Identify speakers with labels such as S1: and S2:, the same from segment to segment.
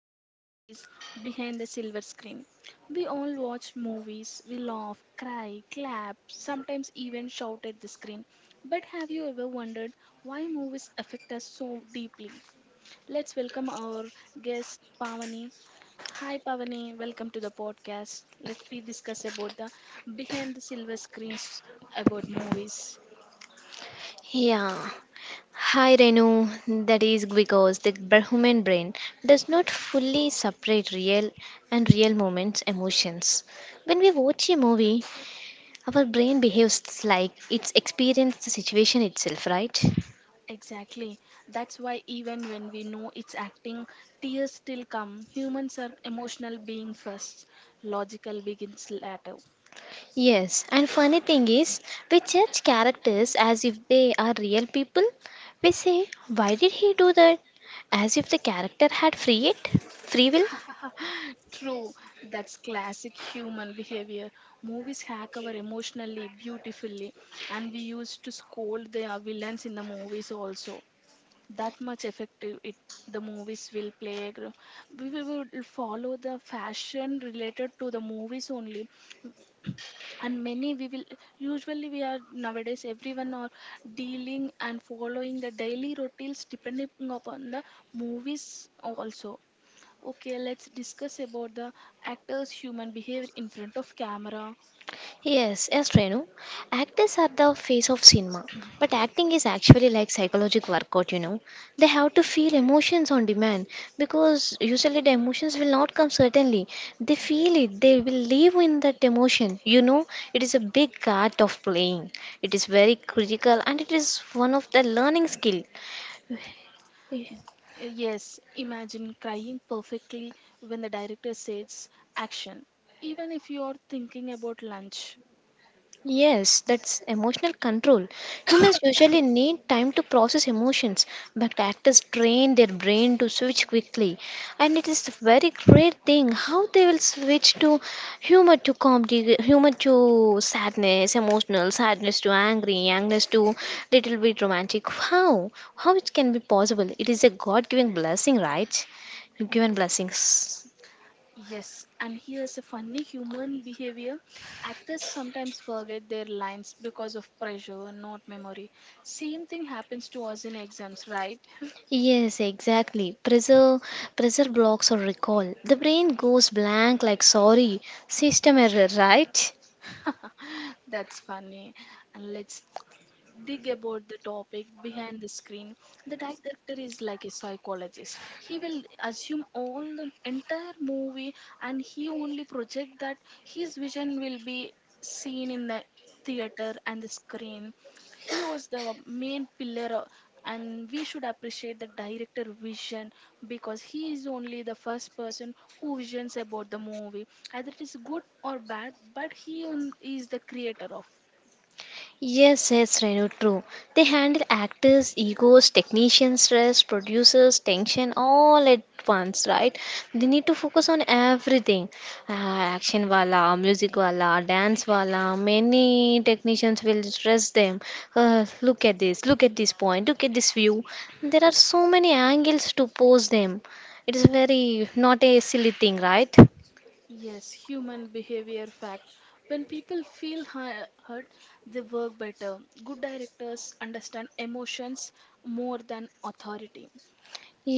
S1: Today's topic is behind the silver screen. We all watch movies, we laugh, cry, clap, sometimes even shout at the screen. But have you ever wondered why movies affect us so deeply? Let's welcome our guest Pavani. Hi Pavani, welcome to the podcast. Let's we discuss about the behind the silver screens about movies.
S2: Yeah. Hi Renu, that is because the human brain does not fully separate real and real moments emotions. When we watch a movie, our brain behaves like it's experienced the situation itself, right?
S1: Exactly. That's why even when we know it's acting, tears still come. Humans are emotional being first, logical begins later.
S2: Yes, and funny thing is, we judge characters as if they are real people. We say, why did he do that? As if the character had free will.
S1: True, that's classic human behavior. Movies hack our emotionally beautifully, and we used to scold the villains in the movies also. That much effective it the movies will play. We would follow the fashion related to the movies only. And many we will usually we are nowadays everyone are dealing and following the daily routines depending upon the movies also. Okay, let's discuss about the actors human behavior in front of camera.
S2: Yes, yes, Renu. Actors are the face of cinema, but acting is actually like psychological workout. They have to feel emotions on demand because usually the emotions will not come certainly. They feel it, they will live in that emotion. It is a big art of playing. It is very critical and it is one of the learning skill.
S1: Yes, imagine crying perfectly when the director says action, even if you are thinking about lunch.
S2: Yes, that's emotional control. Humans usually need time to process emotions, but actors train their brain to switch quickly. And it is a very great thing how they will switch to humor to comedy, humor to sadness, emotional, sadness to angry, angerness to little bit romantic. How? How it can be possible? It is a God given blessing, right? Given blessings.
S1: Yes, and here's a funny human behavior. Actors sometimes forget their lines because of pressure, not memory. Same thing happens to us in exams, right?
S2: Yes, exactly. Pressure blocks or recall. The brain goes blank like sorry, system error, right?
S1: That's funny. And let's dig about the topic behind the screen. The director is like a psychologist. He will assume all the entire movie, and he only project that his vision will be seen in the theater and the screen. He was the main pillar and we should appreciate the director vision, because he is only the first person who visions about the movie either it is good or bad, but he is the creator of.
S2: Yes, yes, Renu, true. They handle actors, egos, technicians, stress, producers, tension, all at once, right? They need to focus on everything. Action wala, music wala, dance wala. Many technicians will stress them. Look at this, look at this point, look at this view. There are so many angles to pose them. It is very not a silly thing, right?
S1: Yes, human behavior fact, when people feel hurt they work better. Good directors understand emotions more than authority.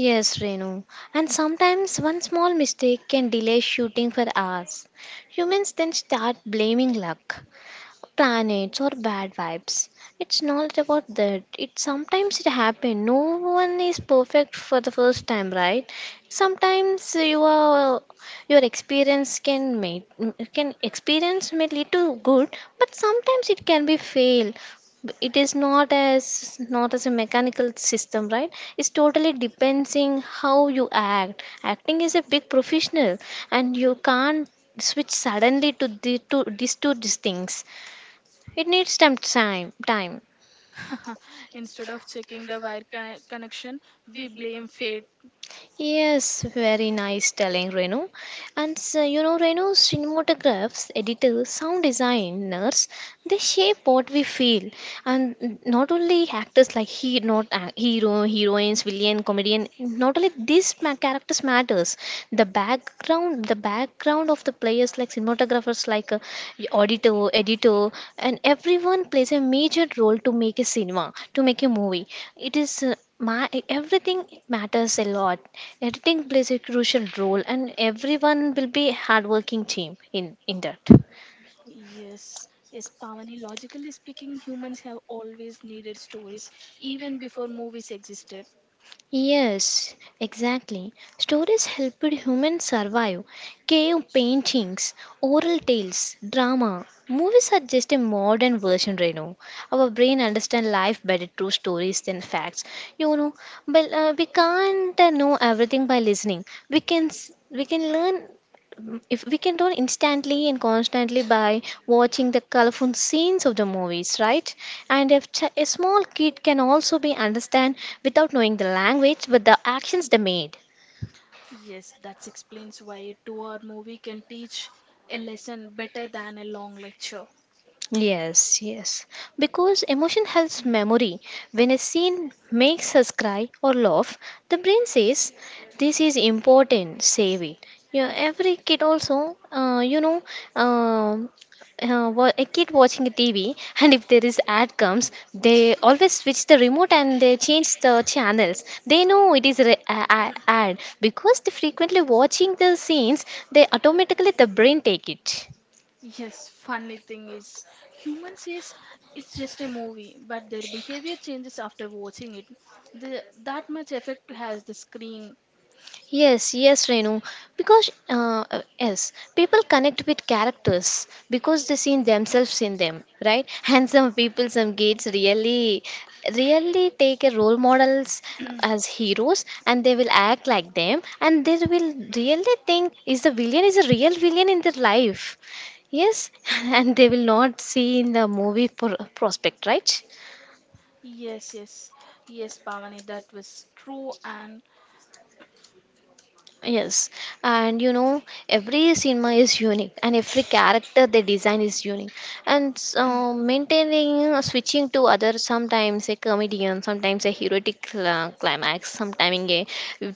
S2: Yes, Renu. And sometimes one small mistake can delay shooting for hours. Humans then start blaming luck, planets or bad vibes. It's not about that. It Sometimes it happens. No one is perfect for the first time, right? Sometimes your your experience can make, can experience may lead to good, but sometimes it can be fail. It is not as a mechanical system, right? It's totally depending how you act. Acting is a big professional, and you can't switch suddenly to these two these things, it needs some time. Time.
S1: Instead of checking the wire connection, we blame fate.
S2: Yes, very nice telling, Renu. And so, Renu, cinematographs, editors, sound designers, they shape what we feel. And not only actors like he, not a- hero, heroines, villain, comedian. Not only these characters matters. The background of the players like cinematographers, like auditor, editor, and everyone plays a major role to make a cinema, to make a movie. It is. My everything matters a lot. Editing plays a crucial role, and everyone will be hardworking team in that.
S1: Yes, yes, Pavani. Logically speaking, humans have always needed stories, even before movies existed.
S2: Yes, exactly. Stories helped humans survive: cave paintings, oral tales, drama. Movies are just a modern version right now. Our brain understand life better through stories than facts you know but we can't know everything by listening. We can learn, if we can learn instantly and constantly by watching the colorful scenes of the movies, right? And if a small kid can also be understand without knowing the language, but the actions they made.
S1: Yes, that explains why a 2-hour movie can teach a lesson better than a long lecture.
S2: Yes, yes. Because emotion helps
S1: Mm.
S2: memory. When a scene makes us cry or laugh, the brain says, this is important, save it. Yeah, every kid also, um, a kid watching a TV, and if there is ad comes, they always switch the remote and they change the channels. They know it is ad because they frequently watching the scenes. They automatically the brain take it.
S1: Yes, funny thing is, humans says it's just a movie, but their behavior changes after watching it. That much effect has the screen.
S2: Yes, yes, Renu. Because yes, people connect with characters because they see themselves in them, right? And some people, some kids really, really take a role models as heroes, and they will act like them, and they will really think is the villain is a real villain in their life. Yes, and they will not see in the movie prospect, right?
S1: Yes, yes, yes, Pavani, that was true.
S2: Yes, and every cinema is unique, and every character they design is unique. And so maintaining, switching to other, sometimes a comedian, sometimes a heroic climax, sometimes a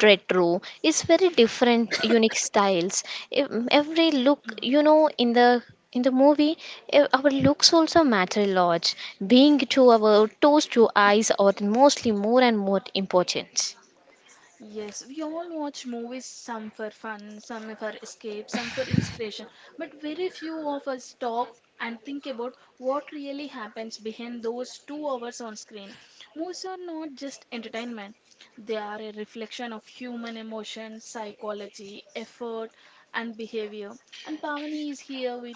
S2: retro. It's very different, unique styles. Every look,
S1: Y-
S2: in the movie, our looks also matter a lot. Being to our toes to eyes are mostly more and more important.
S1: Yes, we all watch movies, some for fun, some for escape, some for inspiration, but very few of us stop and think about what really happens behind those 2 hours on screen. Movies are not just entertainment, they are a reflection of human emotion, psychology, effort, and behavior. And Pavani is here with,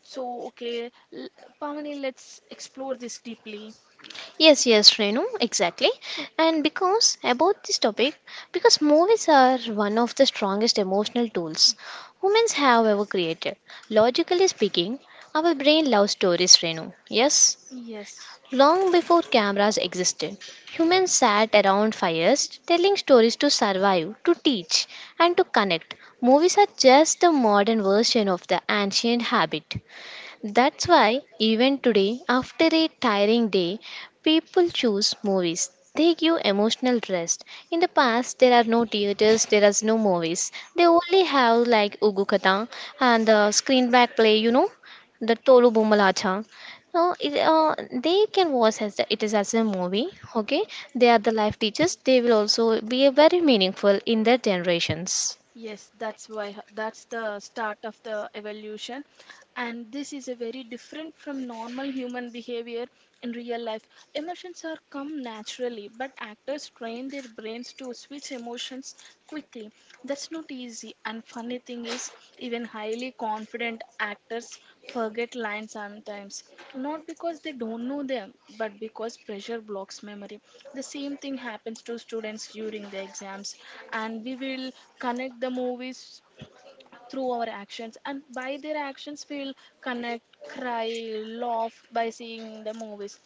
S1: so okay, Pavani, let's explore this deeply.
S2: Yes, yes, Renu, exactly. And because about this topic, because movies are one of the strongest emotional tools humans have ever created. Logically speaking, our brain loves stories, Renu. Yes.
S1: Yes.
S2: Long before cameras existed, humans sat around fires telling stories to survive, to teach, and to connect. Movies are just the modern version of the ancient habit. That's why, even today, after a tiring day, people choose movies. They give emotional rest. In the past, there are no theaters, there are no movies. They only have like Ugu Katha and the screen back play, the Tolu Boomalacha. No, they can watch as the, it is as a movie. Okay, they are the life teachers. They will also be very meaningful in their generations.
S1: Yes, that's why that's the start of the evolution. And this is a very different from normal human behavior in real life. Emotions are come naturally, but actors train their brains to switch emotions quickly. That's not easy. And funny thing is, even highly confident actors forget lines sometimes, not because they don't know them, but because pressure blocks memory. The same thing happens to students during the exams, and we will connect the movies through our actions, and by their actions we will connect, cry, laugh by seeing the movies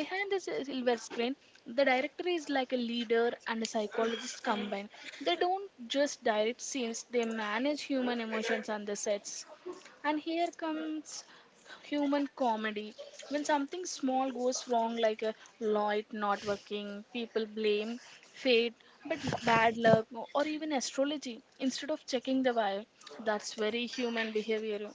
S1: behind the silver screen. The director is like a leader and a psychologist combined. They don't just direct scenes, they manage human emotions on the sets. And here comes human comedy. When something small goes wrong, like a light not working, people blame fate, but bad luck or even astrology, instead of checking the wire. That's very human behavior.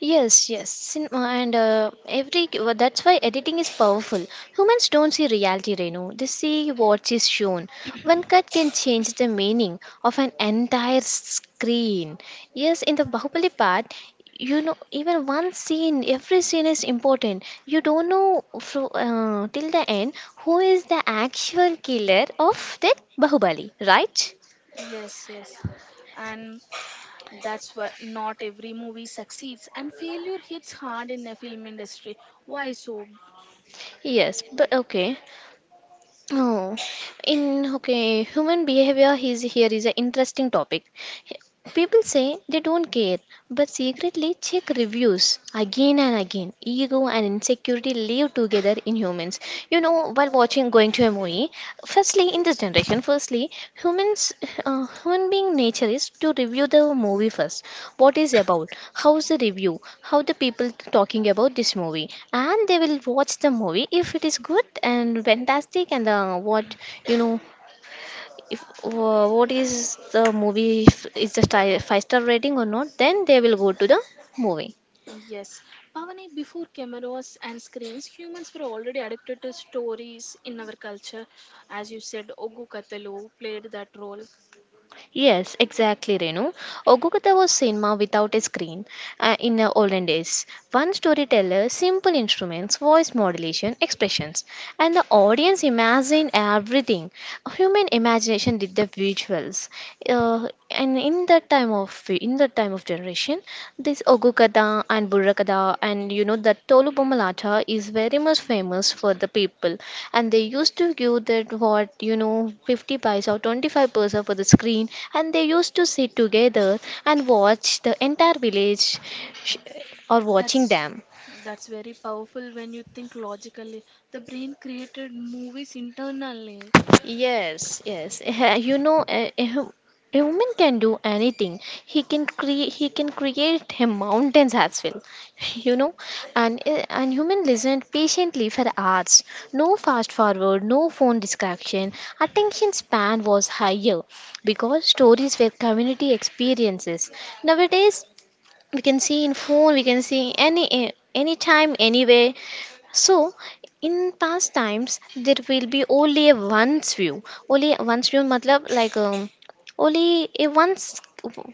S2: Yes, yes, and every well, that's why editing is powerful. Humans don't see reality, Renu. They see what is shown. One cut can change the meaning of an entire screen. Yes, in the Bahubali part, even one scene, every scene is important. You don't know till the end who is the actual killer of that Bahubali, right?
S1: Yes, yes. And that's why not every movie succeeds, and failure hits hard in the film industry. Why so?
S2: Yes, but okay. Oh, in okay, human behavior is an interesting topic. People say they don't care, but secretly check reviews again and again. Ego and insecurity live together in humans. While watching going to a movie, firstly in this generation, firstly humans, human being nature is to review the movie first. What is about? How's the review? How the people talking about this movie? And they will watch the movie if it is good and fantastic, and what you know if what is the movie, if is the star, five-star rating or not, then they will go to the movie.
S1: Yes, Pavani, before cameras and screens, humans were already addicted to stories in our culture. As you said, Ogu Katelu played that role.
S2: Yes, exactly, Renu. Ogukata was cinema without a screen. In the olden days, one storyteller, simple instruments, voice modulation, expressions, and the audience imagined everything. Human imagination did the visuals. Uh, and in that time of in in that time of generation, this Ogukada and Burakada, and that Tolu Bomalata is very much famous for the people. And they used to give that, what you know 50 paisa or 25 paisa for the screen, and they used to sit together and watch the entire village, sh- or watching
S1: That's
S2: them.
S1: that's very powerful when you think logically. The brain created movies internally.
S2: Yes, yes. You know, a, a hum- a woman can do anything. He can create. He can create him mountains as well. You know, and human listened patiently for hours. No fast forward. No phone distraction. Attention span was higher because stories were community experiences. Nowadays, we can see in phone. We can see anytime, anywhere. So, in past times, there will be only a once view. Only a once view, matlab, like only a once,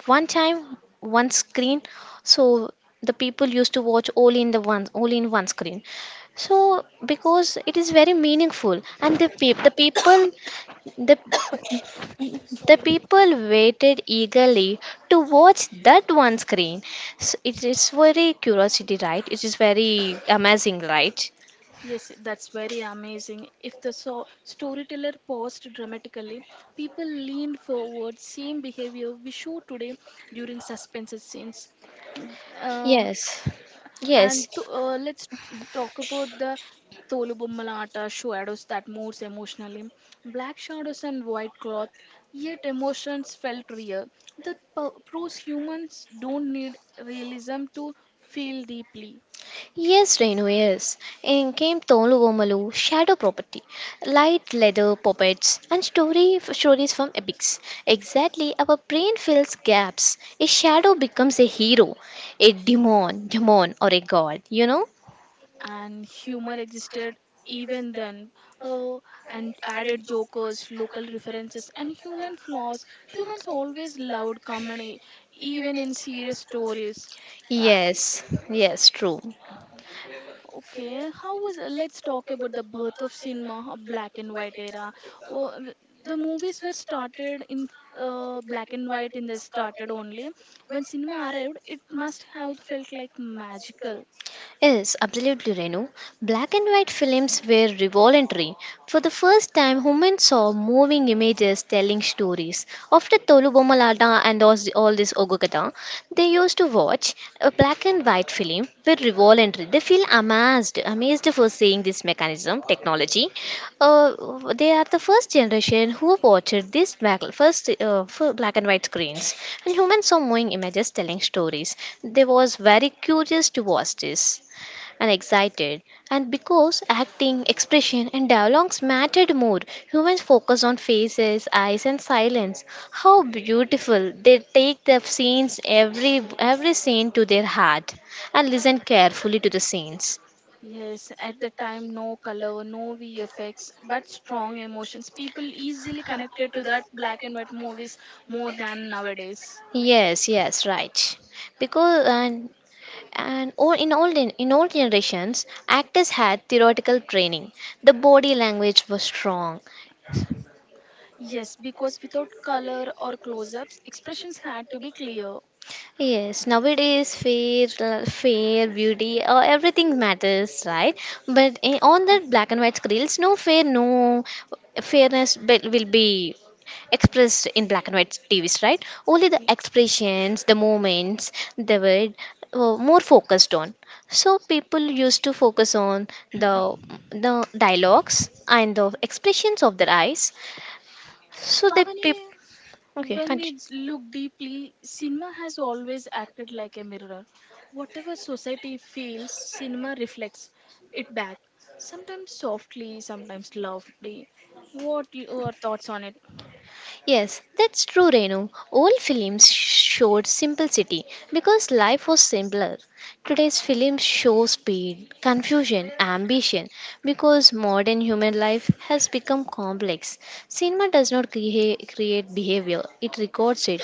S2: one time, one screen. So the people used to watch only in the one, only in one screen. So because it is very meaningful, and the pe- the the people waited eagerly to watch that one screen. So it is very curiosity, right? It is very amazing, right?
S1: Yes, that's very amazing. If the storyteller paused dramatically, people leaned forward, same behavior we show today during suspense scenes. Mm, Um,
S2: Yes.
S1: and
S2: Yes.
S1: let's talk about the Tolubummalata shadows that moves emotionally. Black shadows and white cloth, yet emotions felt real. That proves humans don't need realism to feel deeply.
S2: Yes, Renu, yes. In Game Tolu Gomalu, shadow property, light leather puppets, and story stories from epics. Exactly, our brain fills gaps. A shadow becomes a hero, a demon, or a god. You know?
S1: And humor existed even then. Oh, and added jokers, local references, and human flaws. Humans always loved comedy even in serious stories. Uh,
S2: Yes, yes, true.
S1: Okay, how was let's talk about the birth of cinema, black and white era. Oh, the movies were started in black and white in the started only. When cinema arrived, it must have felt like magical.
S2: Yes, absolutely, Renu. Black and white films were revolutionary. For the first time, women saw moving images telling stories. After Tolu Bomalata and all this Ogokata, they used to watch. A black and white film were revolutionary. They feel amazed, amazed for seeing this mechanism, technology. They are the first generation who watched this black, first for black and white screens. And humans saw moving images telling stories. They was very curious to watch this and excited. And because acting, expression, and dialogues mattered more, humans focused on faces, eyes, and silence. How beautiful! They take the scenes, every scene to their heart, and listen carefully to the scenes.
S1: Yes, at the time, no color, no VFX, but strong emotions. People easily connected to that black and white movies more than nowadays.
S2: Yes, yes, right. Because and all, in in old generations, actors had theoretical training. The body language was strong.
S1: Yes, because without color or close ups, expressions had to be clear.
S2: Yes, nowadays fair, fair beauty, everything matters, right? But on
S1: Y-
S2: that black and white screens, no fair, no will be expressed in black and white TVs, right? Only the expressions, the moments, they were more focused on. So people used to focus on the dialogues and the expressions of their eyes. So the people.
S1: Pavani,
S2: Okay,
S1: when we
S2: country. Continue.
S1: look deeply, cinema has always acted like a mirror. Whatever society feels, cinema reflects it back, sometimes softly, sometimes loudly. What your thoughts on it?
S2: Yes, that's true, Renu. Old films showed simplicity because life was simpler. Today's films show speed, confusion, ambition because modern human life has become complex. Cinema does not create behavior, it records it.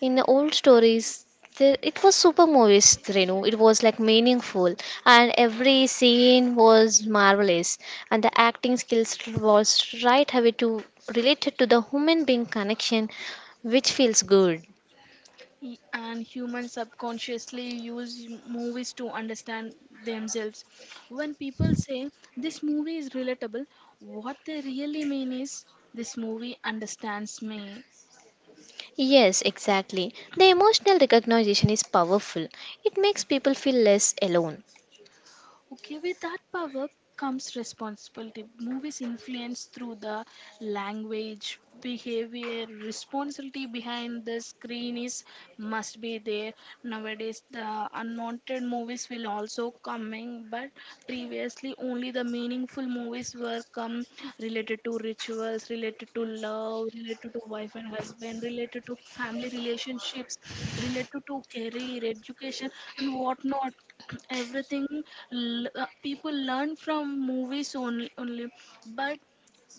S2: In the old stories there, it was super movies, Renu. It was like meaningful, and every scene was marvelous, and the acting skills was right away to related to the human being connection which feels good.
S1: And humans subconsciously use movies to understand themselves. When people say this movie is relatable, what they really mean is this movie understands me.
S2: Yes, exactly, the emotional recognition is powerful, it makes people feel less alone.
S1: Okay, with that power comes responsibility. Movies influence through the language, behavior, responsibility behind the screen is must be there. Nowadays, the unwanted movies will also coming, but previously only the meaningful movies were come, related to rituals, related to love, related to wife and husband, related to family relationships, related to career, education, and whatnot. Everything, people learn from movies only, but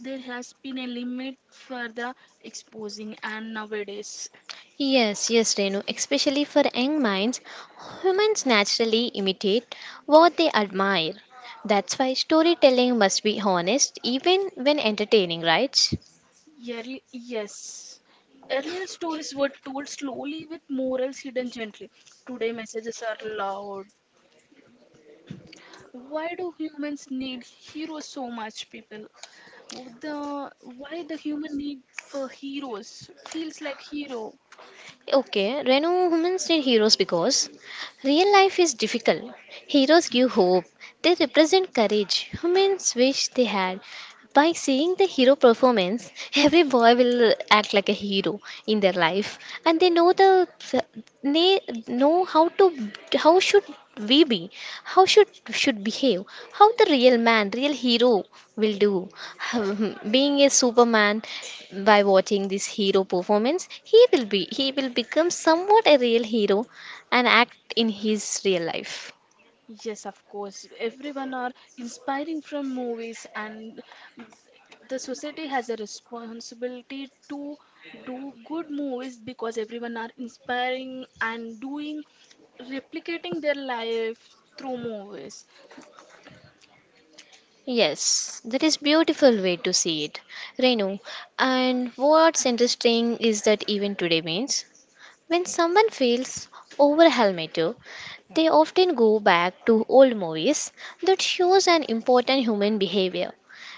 S1: there has been a limit for the exposing and nowadays.
S2: Yes, yes, Renu. Especially for young minds, humans naturally imitate what they admire. That's why storytelling must be honest even when entertaining, right?
S1: Yearly, yes, earlier stories were told slowly with morals hidden gently. Today messages are loud. Why do humans need heroes so much people, the why the human need for heroes feels like hero.
S2: Okay, Renu, humans need heroes because real life is difficult. Heroes give hope, they represent courage humans wish they had. By seeing the hero performance, every boy will act like a hero in their life, and they know the, they know how to, how should we be, how should behave, how the real man, real hero will do. Being a Superman by watching this hero performance, he will become somewhat a real hero and act in his real life.
S1: Yes, of course. Everyone are inspiring from movies, and w- the society has a responsibility to do good movies, because everyone are inspiring and doing replicating their life through movies.
S2: Yes, that is beautiful way to see it, Renu. And what's interesting is that even today means when someone feels overwhelmed, they often go back to old movies that shows an important human behavior.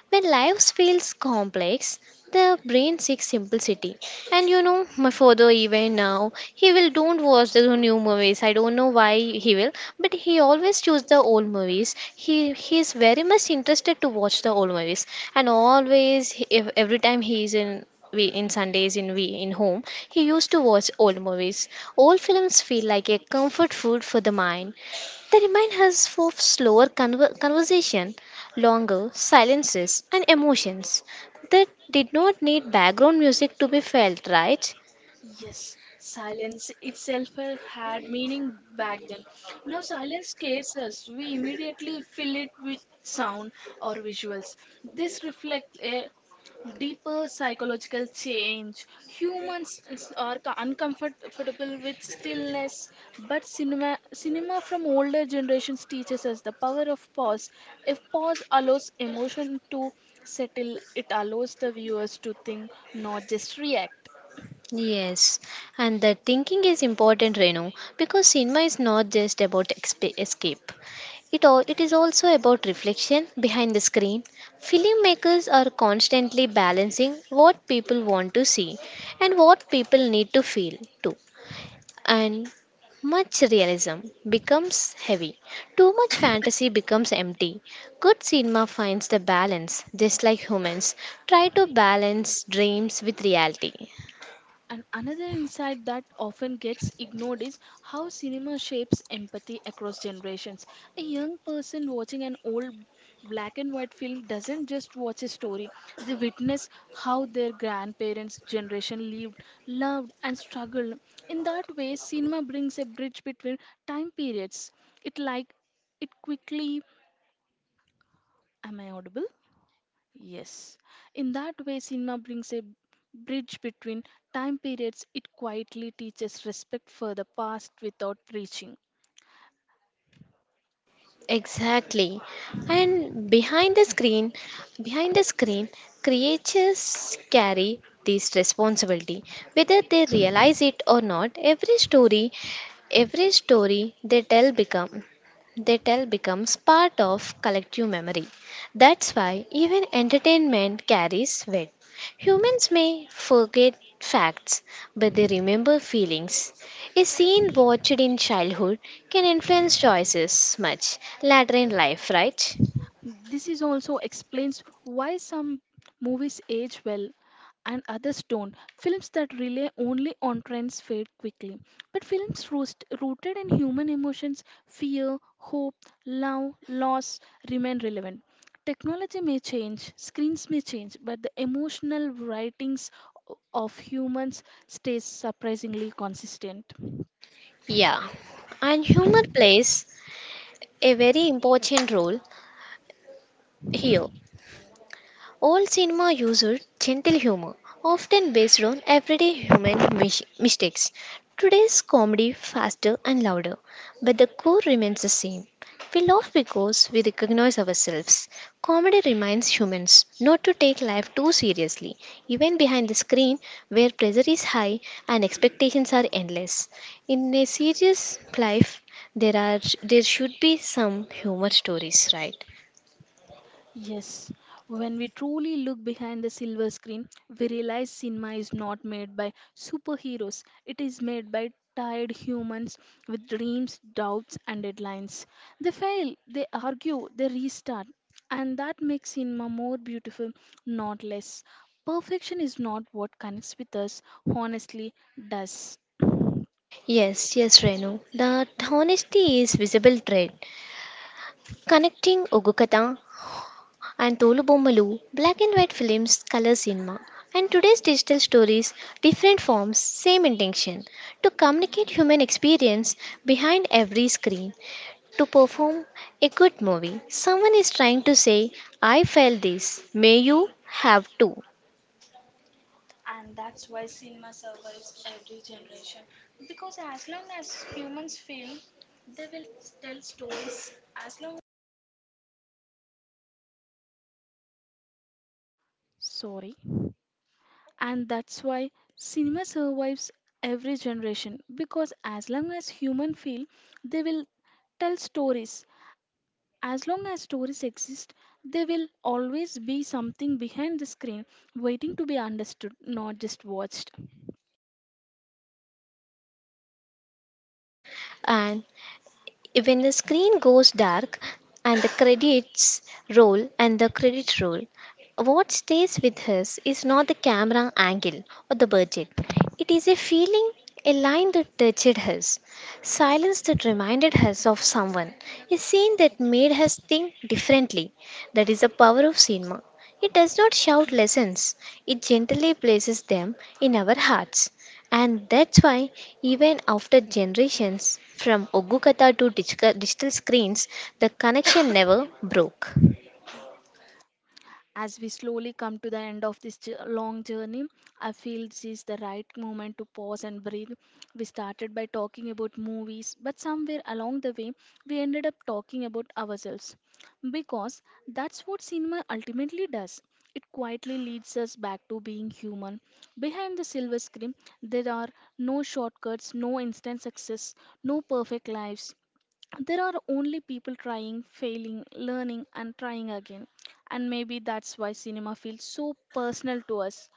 S2: When life feels complex, the brain seeks simplicity. And you know, my father even now, he will don't watch the new movies. I don't know why he will, but he always choose the old movies. He is very much interested to watch the old movies, and always he- if every time he is in, we in Sundays in we in home, he used to watch old movies. Old films feel like a comfort food for the mind. They remind us of slower conversation, longer silences, and emotions that did not need background music to be felt, right?
S1: Yes, silence itself had meaning back then. Now silence scares us. We immediately fill it with sound or visuals. This reflects a deeper psychological change. Humans are uncomfortable with stillness, but cinema from older generations teaches us the power of pause. If pause allows emotion to settle, it allows the viewers to think, not just react.
S2: Yes, and the thinking is important, Renu, because cinema is not just about escape. It is also about reflection behind the screen. Filmmakers are constantly balancing what people want to see and what people need to feel too. And much realism becomes heavy. Too much fantasy becomes empty. Good cinema finds the balance, just like humans try to balance dreams with reality.
S1: And another insight that often gets ignored is how cinema shapes empathy across generations. A young person watching an old black and white film doesn't just watch a story, they witness how their grandparents' generation lived, loved, and struggled. In that way, cinema brings a bridge between time periods. It like it quickly. Am I audible? Yes. In that way, cinema brings a bridge between time periods. It quietly teaches respect for the past without preaching.
S2: Exactly. And behind the screen, creatures carry this responsibility. Whether they realize it or not, every story they tell becomes part of collective memory. That's why even entertainment carries weight. Humans may forget facts, but they remember feelings. A scene watched in childhood can influence choices much later in life, right?
S1: This is also explains why some movies age well and others don't. Films that rely only on trends fade quickly. But films rooted in human emotions, fear, hope, love, loss, remain relevant. Technology may change, screens may change, but the emotional writings of humans stays surprisingly consistent.
S2: Yeah. And humor plays a very important role here. Old cinema used gentle humor, often based on everyday human mistakes. Today's comedy faster and louder, but the core remains the same. We laugh because we recognize ourselves. Comedy reminds humans not to take life too seriously, even behind the screen where pressure is high and expectations are endless. In a serious life, there should be some humor stories, right?
S1: Yes, when we truly look behind the silver screen, we realize cinema is not made by superheroes. It is made by tired humans with dreams, doubts, and deadlines. They fail, they argue, they restart. And that makes cinema more beautiful, not less. Perfection is not what connects with us, honestly, does.
S2: Yes, yes, Renu. That honesty is visible thread connecting Ogukata and Tolubomalu, black and white films, color cinema, and today's digital stories, different forms, same intention to communicate human experience behind every screen. To perform a good movie, someone is trying to say, I felt this, may you have too.
S1: Sorry. And that's why cinema survives every generation, because as long as humans feel, they will tell stories. As long as stories exist, there will always be something behind the screen waiting to be understood, not just watched.
S2: And when the screen goes dark and the credits roll, what stays with us is not the camera angle or the budget, it is a feeling, a line that touched us, silence that reminded us of someone, a scene that made us think differently. That is the power of cinema. It does not shout lessons, it gently places them in our hearts. And that's why, even after generations from Ogukata to digital screens, the connection never broke.
S1: As we slowly come to the end of this long journey, I feel this is the right moment to pause and breathe. We started by talking about movies, but somewhere along the way, we ended up talking about ourselves. Because that's what cinema ultimately does. It quietly leads us back to being human. Behind the silver screen, there are no shortcuts, no instant success, no perfect lives, there are only people trying, failing, learning, and trying again. And maybe that's why cinema feels so personal to us.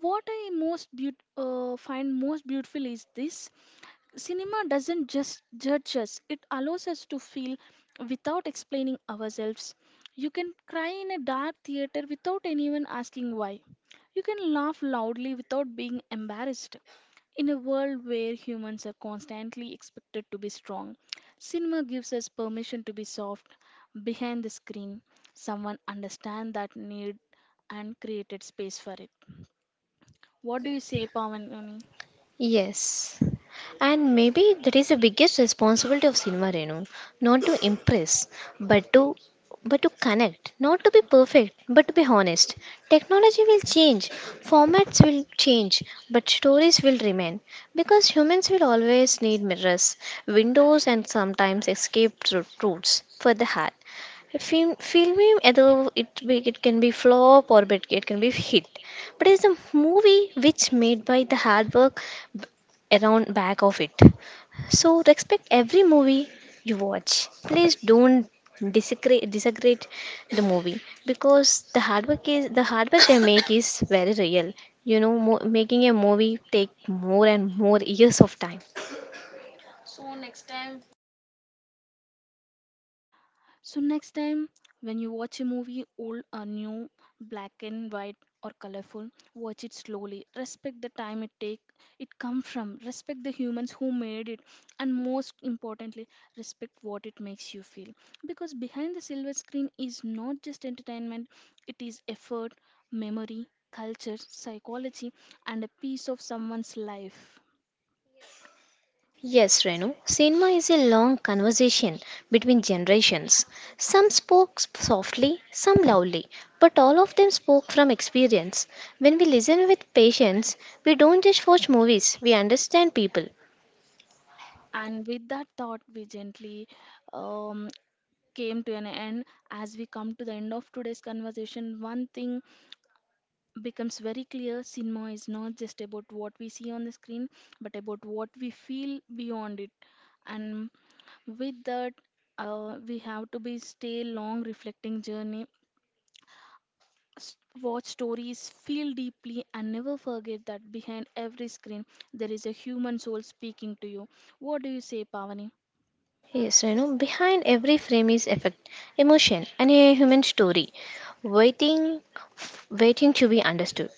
S1: What I find most beautiful is this: cinema doesn't just judge us, it allows us to feel without explaining ourselves. You can cry in a dark theater without anyone asking why. You can laugh loudly without being embarrassed. In a world where humans are constantly expected to be strong, cinema gives us permission to be soft behind the screen. Someone understand that need and created space for it. What do you say, Pavan?
S2: Yes. And maybe that is the biggest responsibility of cinema, Renu. Not to impress, but to but to connect. Not to be perfect, but to be honest. Technology will change, formats will change, but stories will remain. Because humans will always need mirrors, windows, and sometimes escape routes for the heart. Film although it be, it can be flop or but it can be hit, but it's a movie which made by the hard work around back of it. So respect every movie you watch, please don't disagree the movie, because the hard work is the hard work they make is very real. You know, making a movie take more and more years of time.
S1: So, next time when you watch a movie, old or new, black and white or colorful, watch it slowly. Respect the time it take it come from. Respect the humans who made it, and most importantly, respect what it makes you feel. Because behind the silver screen is not just entertainment; it is effort, memory, culture, psychology, and a piece of someone's life.
S2: Yes, Renu, cinema is a long conversation between generations. Some spoke softly, some loudly, but all of them spoke from experience. When we listen with patience, we don't just watch movies, we understand people.
S1: And with that thought, we gently um, came to an end. As we come to the end of today's conversation, one thing becomes very clear: cinema is not just about what we see on the screen, but about what we feel beyond it. And with that, we have to be stay long reflecting journey, s- watch stories, feel deeply, and never forget that behind every screen there is a human soul speaking to you. What do you say, Pavani?
S2: Yes, Renu, behind every frame is effect, emotion, and a human story, waiting, waiting to be understood.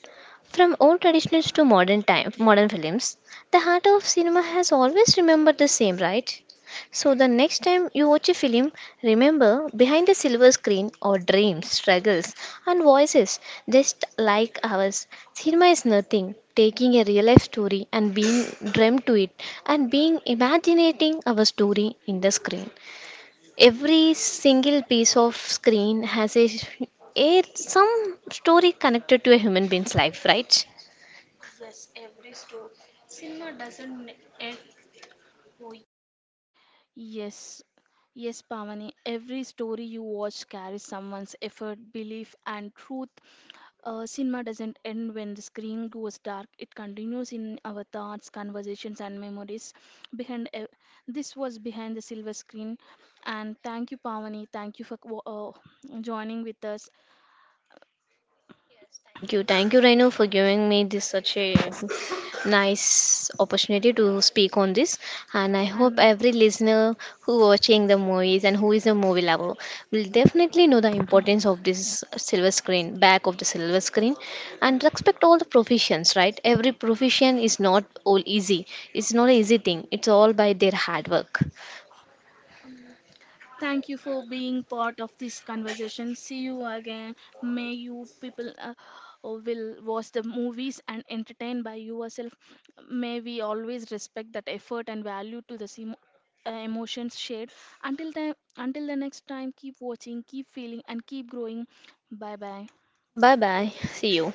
S2: From old traditions to modern films, the heart of cinema has always remembered the same, right? So the next time you watch a film, remember behind the silver screen are dreams, struggles, and voices just like ours. Cinema is nothing. Taking a real life story and being dreamt to it and being imagining our story in the screen. Every single piece of screen has a some story connected to a human being's life, right?
S1: Yes. Yes, Pavani, every story you watch carries someone's effort, belief, and truth. Cinema doesn't end when the screen goes dark, it continues in our thoughts, conversations, and memories. Behind ev- This was Behind the Silver Screen. And thank you, Pavani. Thank you for joining with us.
S2: Thank you. Thank you, Rhino, for giving me this such a nice opportunity to speak on this. And I hope
S1: And
S2: every listener who watching the movies and who is a movie lover will definitely know the importance of this silver screen, back of the silver screen. And respect all the professions, right? Every profession is not all easy. It's not an easy thing. It's all by their hard work.
S1: thank you for being part of this conversation. See you again. May you people will watch the movies and entertain by yourself. May we always respect that effort and value to the same emotions shared. Until time, until the next time, keep watching, keep feeling, and keep growing. Bye bye.
S2: Bye bye. See you.